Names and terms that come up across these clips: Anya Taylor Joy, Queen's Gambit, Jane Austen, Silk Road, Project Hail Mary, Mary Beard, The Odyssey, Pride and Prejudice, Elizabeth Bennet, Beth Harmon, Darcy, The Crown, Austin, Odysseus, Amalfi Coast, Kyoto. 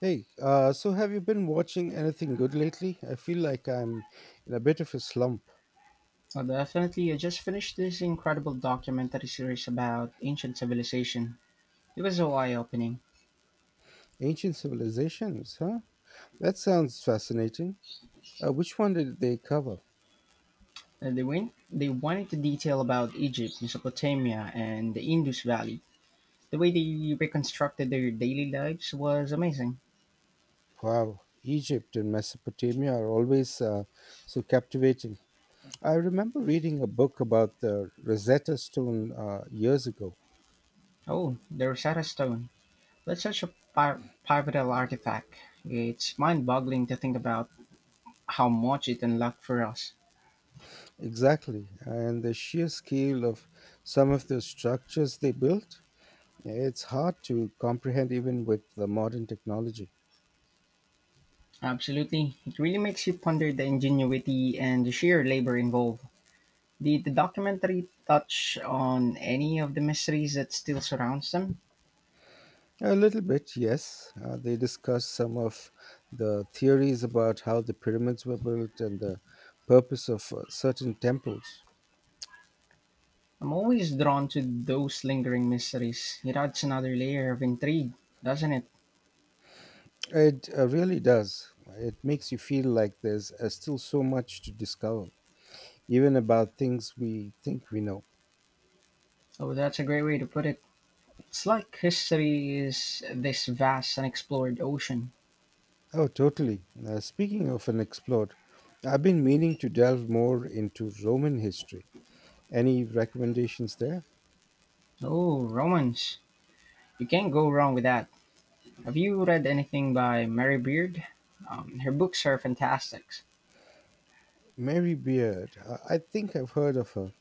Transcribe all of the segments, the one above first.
Hey, so have you been watching anything good lately? I feel like I'm in a bit of a slump. Well, definitely, I just finished this incredible documentary series about ancient civilization. It was so eye-opening. Ancient civilizations, huh? That sounds fascinating. Which one did they cover? They went into detail about Egypt, Mesopotamia, and the Indus Valley. The way they reconstructed their daily lives was amazing. Wow, Egypt and Mesopotamia are always so captivating. I remember reading a book about the Rosetta Stone years ago. Oh, the Rosetta Stone. That's such a pi- pivotal artifact. It's mind-boggling to think about how much it unlocked for us. Exactly, and the sheer scale of some of the structures they built. It's hard to comprehend even with the modern technology. Absolutely. It really makes you ponder the ingenuity and the sheer labor involved. Did the documentary touch on any of the mysteries that still surrounds them? A little bit, yes. They discuss some of the theories about how the pyramids were built and the purpose of certain temples. I'm always drawn to those lingering mysteries. It adds another layer of intrigue, doesn't it? It really does. It makes you feel like there's still so much to discover, even about things we think we know. Oh, that's a great way to put it. It's like history is this vast unexplored ocean. Oh, totally. Speaking of unexplored, I've been meaning to delve more into Roman history. Any recommendations there? Oh, romance. You can't go wrong with that. Have you read anything by Mary Beard? Her books are fantastic. Mary Beard. I think I've heard of her.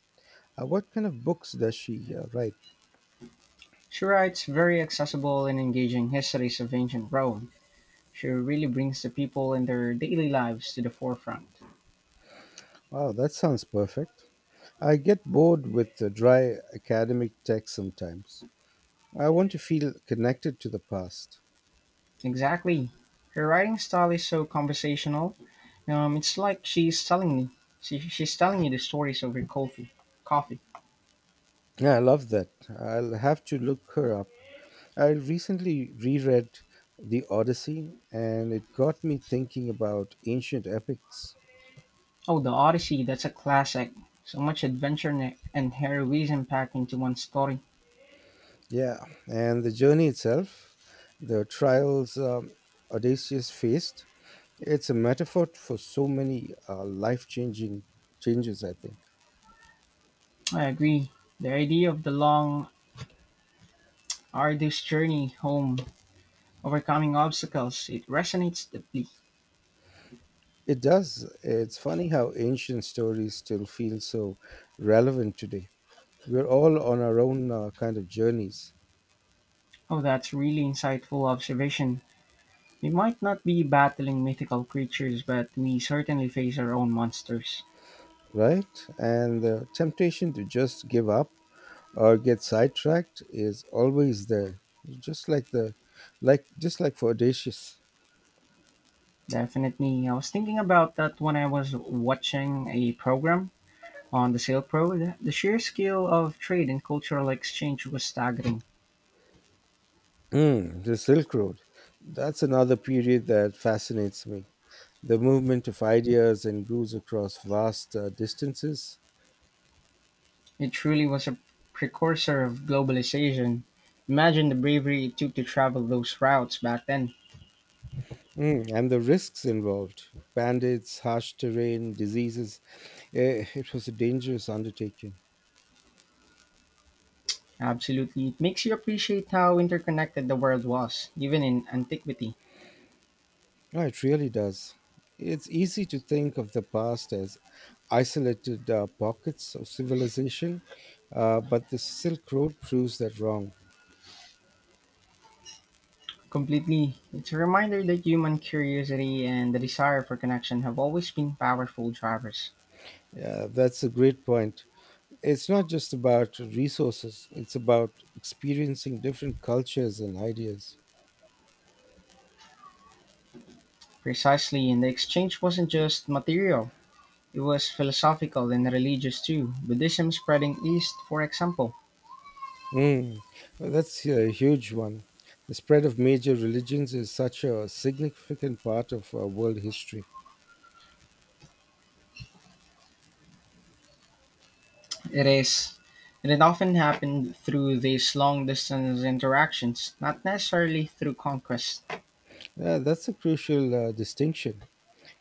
What kind of books does she write? She writes very accessible and engaging histories of ancient Rome. She really brings the people and their daily lives to the forefront. Wow, that sounds perfect. I get bored with the dry academic text sometimes. I want to feel connected to the past. Exactly. Her writing style is so conversational. It's like she's telling you the stories of her coffee. Coffee. Yeah, I love that. I'll have to look her up. I recently reread The Odyssey, and it got me thinking about ancient epics. Oh, the Odyssey. That's a classic. So much adventure and heroism packed into one story. Yeah, and the journey itself, the trials Odysseus faced, it's a metaphor for so many life changing changes, I think. I agree. The idea of the long, arduous journey home, overcoming obstacles, it resonates deeply. It does. It's funny how ancient stories still feel so relevant today. We're all on our own kind of journeys, Oh, that's really insightful observation. We might not be battling mythical creatures, but we certainly face our own monsters. right? And the temptation to just give up or get sidetracked is always there. Just like like just like for Odysseus. Definitely. I was thinking about that when I was watching a program on the Silk Road. The sheer scale of trade and cultural exchange was staggering. Mm, the Silk Road. That's another period that fascinates me. The movement of ideas and goods across vast distances. It truly was a precursor of globalization. Imagine the bravery it took to travel those routes back then. Mm, and the risks involved bandits, harsh terrain, diseases. It was a dangerous undertaking. Absolutely. It makes you appreciate how interconnected the world was, even in antiquity. Oh, it really does. It's easy to think of the past as isolated pockets of civilization, but the Silk Road proves that wrong. Completely. It's a reminder that human curiosity and the desire for connection have always been powerful drivers. Yeah, that's a great point. It's not just about resources, it's about experiencing different cultures and ideas. Precisely, and the exchange wasn't just material, it was philosophical and religious too. Buddhism spreading east, for example. Mm, well, that's a huge one. The spread of major religions is such a significant part of world history. It is. And it often happened through these long distance interactions, not necessarily through conquest. Yeah, that's a crucial distinction.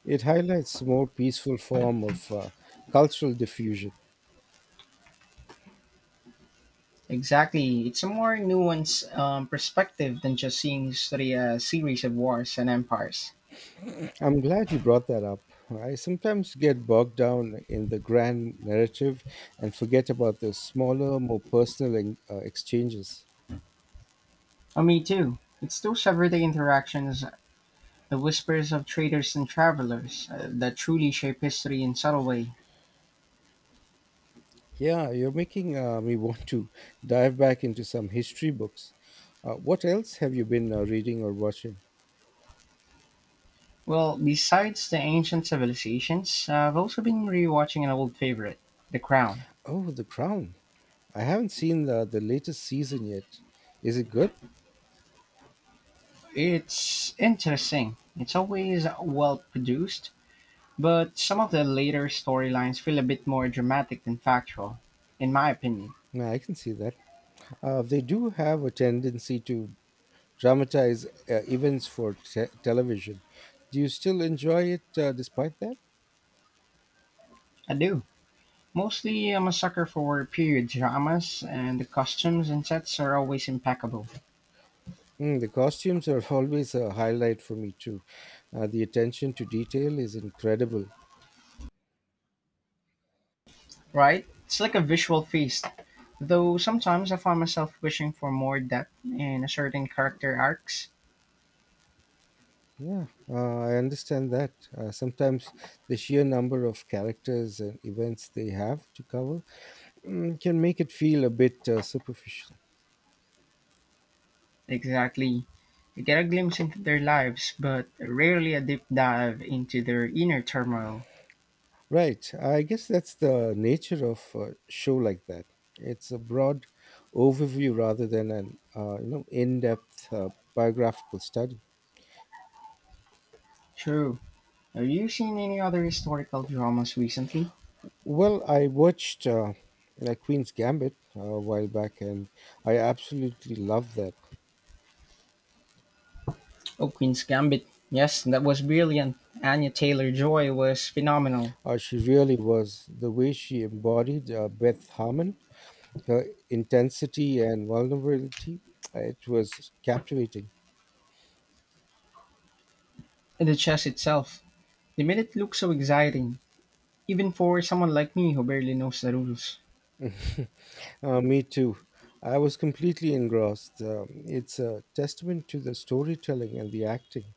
It highlights a more peaceful form of cultural diffusion. Exactly. It's a more nuanced perspective than just seeing history as a series of wars and empires. I'm glad you brought that up. I sometimes get bogged down in the grand narrative and forget about the smaller, more personal exchanges. Oh, me too. It's those everyday interactions, the whispers of traders and travelers, that truly shape history in subtle way. Yeah, you're making me want to dive back into some history books. What else have you been reading or watching? Well, besides the ancient civilizations, I've also been rewatching an old favorite, The Crown. Oh, The Crown. I haven't seen the latest season yet. Is it good? It's interesting. It's always well produced, but some of the later storylines feel a bit more dramatic than factual, in my opinion. No, I can see that. They do have a tendency to dramatize events for television. Do you still enjoy it despite that? I do. Mostly, I'm a sucker for period dramas, and the costumes and sets are always impeccable. Mm, the costumes are always a highlight for me, too. The attention to detail is incredible. Right? It's like a visual feast. Though sometimes I find myself wishing for more depth in a certain character arcs. Yeah, I understand that. Sometimes the sheer number of characters and events they have to cover mm, can make it feel a bit superficial. Exactly. You get a glimpse into their lives, but rarely a deep dive into their inner turmoil. Right, I guess that's the nature of a show like that. It's a broad overview rather than an in-depth biographical study. True. Have you seen any other historical dramas recently? Well, I watched Queen's Gambit a while back, and I absolutely loved that. Oh, Queen's Gambit. Yes, that was brilliant. Anya Taylor Joy was phenomenal. She really was, the way she embodied Beth Harmon, her intensity and vulnerability, it was captivating. And the chess itself. They made it look so exciting, even for someone like me who barely knows the rules. Me too. I was completely engrossed. It's a testament to the storytelling and the acting.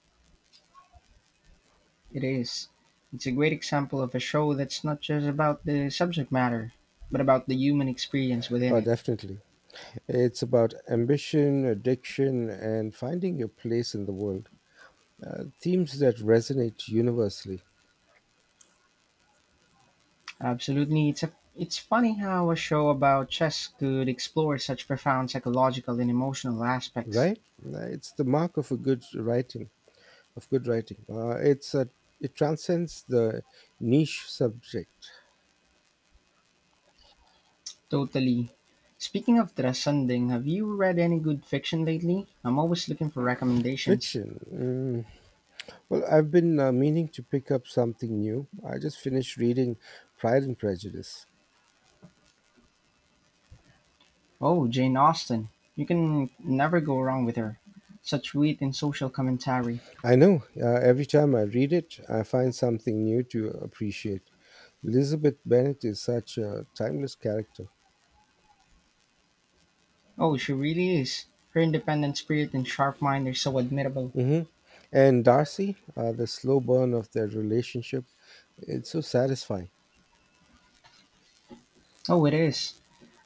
It is. It's a great example of a show that's not just about the subject matter, but about the human experience within Oh, it. definitely. It's about ambition, addiction, and finding your place in the world. Themes that resonate universally, Absolutely, it's funny how a show about chess could explore such profound psychological and emotional aspects. right? It's the mark of a good writing. Of good writing. It transcends the niche subject. Totally. Speaking of transcending, have you read any good fiction lately? I'm always looking for recommendations. Fiction. Mm, well, I've been meaning to pick up something new. I just finished reading Pride and Prejudice. Oh, Jane Austen. You can never go wrong with her. Such wit and social commentary. I know, every time I read it, I find something new to appreciate. Elizabeth Bennet is such a timeless character. Oh, she really is. Her independent spirit and sharp mind are so admirable. Hmm. And Darcy, the slow burn of their relationship, it's so satisfying. Oh, it is.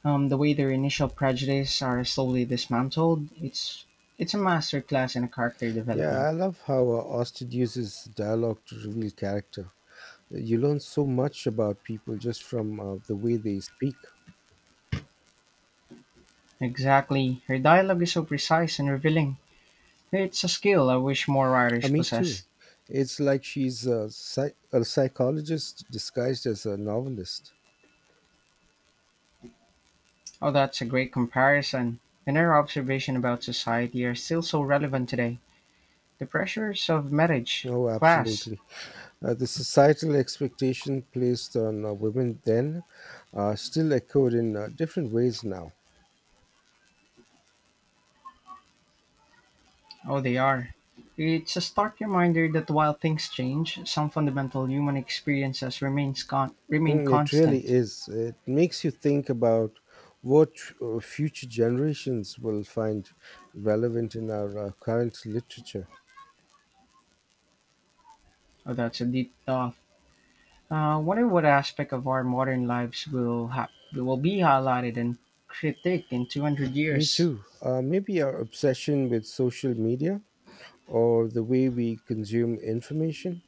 The way their initial prejudices are slowly dismantled, it's a master class in character Yeah, development. I love how Austin uses dialogue to reveal character. You learn so much about people just from the way they speak. Exactly. Her dialogue is so precise and revealing. It's a skill I wish more writers Me too. possess. It's like she's a psychologist disguised as a novelist. Oh, that's a great comparison. And her observation about society are still so relevant today. The pressures of marriage, Oh, class. absolutely. The societal expectation placed on women then still echoed in different ways now. Oh, they are. It's a stark reminder that while things change, some fundamental human experiences remain Mm, it really constant. is. It makes you think about what future generations will find relevant in our current literature. Oh, that's a deep thought. Wonder what aspect of our modern lives will be highlighted and critiqued in 200 Me years. too. Maybe our obsession with social media or the way we consume information.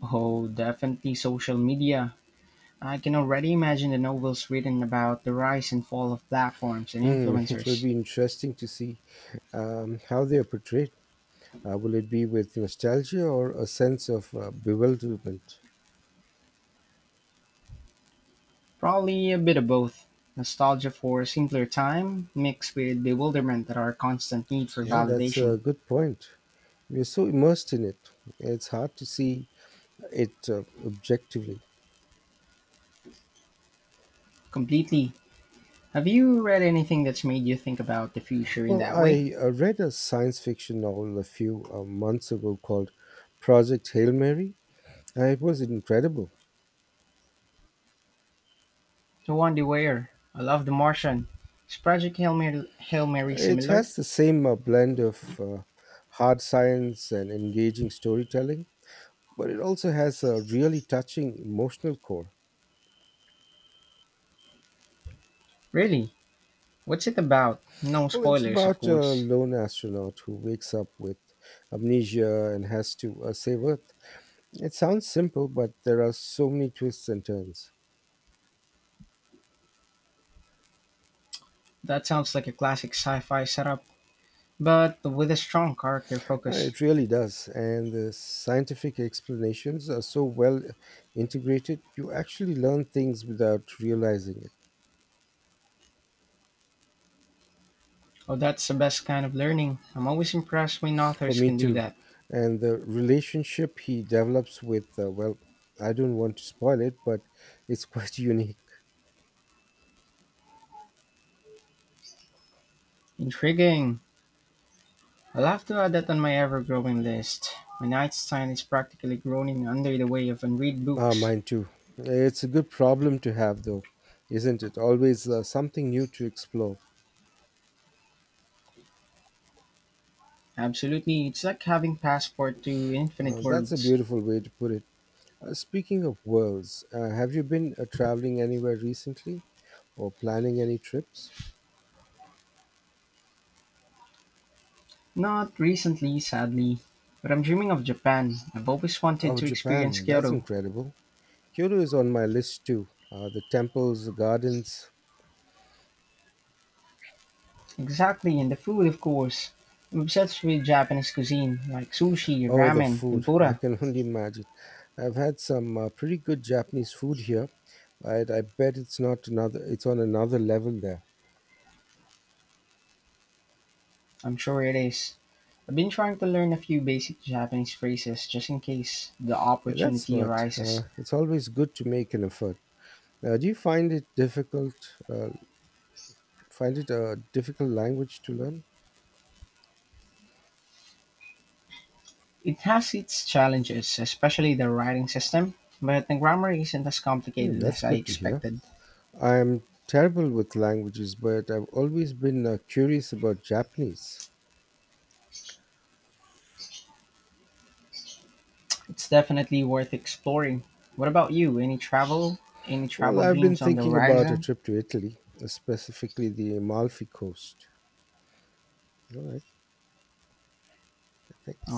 Oh, definitely social media. I can already imagine the novels written about the rise and fall of platforms and Mm, it will influencers. be interesting to see how they are portrayed. Will it be with nostalgia or a sense of bewilderment? Probably a bit of both. Nostalgia for a simpler time, mixed with bewilderment at our constant need for Yeah, that's a validation. good point. We're so immersed in it, it's hard to see it objectively. Completely. Have you read anything that's made you think about the future in Well, that way? I read a science fiction novel a few months ago called Project Hail Mary. It was incredible. The one they wear. I love The Martian. Is Project Hail Mary, Hail Mary It similar? has the same blend of hard science and engaging storytelling, but it also has a really touching emotional core. Really? What's it about? No Well, it's spoilers, of about a course. lone astronaut who wakes up with amnesia and has to save Earth. It sounds simple, but there are so many twists and turns. That sounds like a classic sci fi setup, but with a strong character focus. It really does, and the scientific explanations are so well integrated, you actually learn things without realizing it. Oh, that's the best kind of learning. I'm always impressed when Oh, authors me can do too. that. And the relationship he develops with, well, I don't want to spoil it, but it's quite unique. Intriguing. I'll have to add that on my ever growing list. My nightstand is practically groaning under the weight of unread Ah, books. mine too. It's a good problem to have, though, isn't it? Always something new to explore. Absolutely, it's like having passport to infinite That's a worlds. beautiful way to put it. Speaking of worlds, have you been traveling anywhere recently or planning any trips? Not recently, sadly, but I'm dreaming of Japan. I've always wanted Oh, to experience Japan, that's Kyoto. incredible. Kyoto is on my list too. The temples, the gardens. Exactly, and the food, of course. I'm obsessed with Japanese cuisine, like sushi, Oh, the ramen, food. I tempura. can only imagine. I've had some pretty good Japanese food here, but I bet it's not another it's on another level there. I'm sure it is. I've been trying to learn a few basic Japanese phrases just in case the Yeah, that's opportunity smart. Arises. It's always good to make an effort. Do you find it difficult? Find it a difficult language to learn? It has its challenges, especially the writing system, but the grammar isn't as Hmm, complicated that's as I good to hear. expected. I am terrible with languages, but I've always been curious about Japanese. It's definitely worth exploring. What about you? Any travel? Any Well, travel I've been dreams on the thinking about a horizon? trip to Italy, specifically the Amalfi Coast. All right, thanks.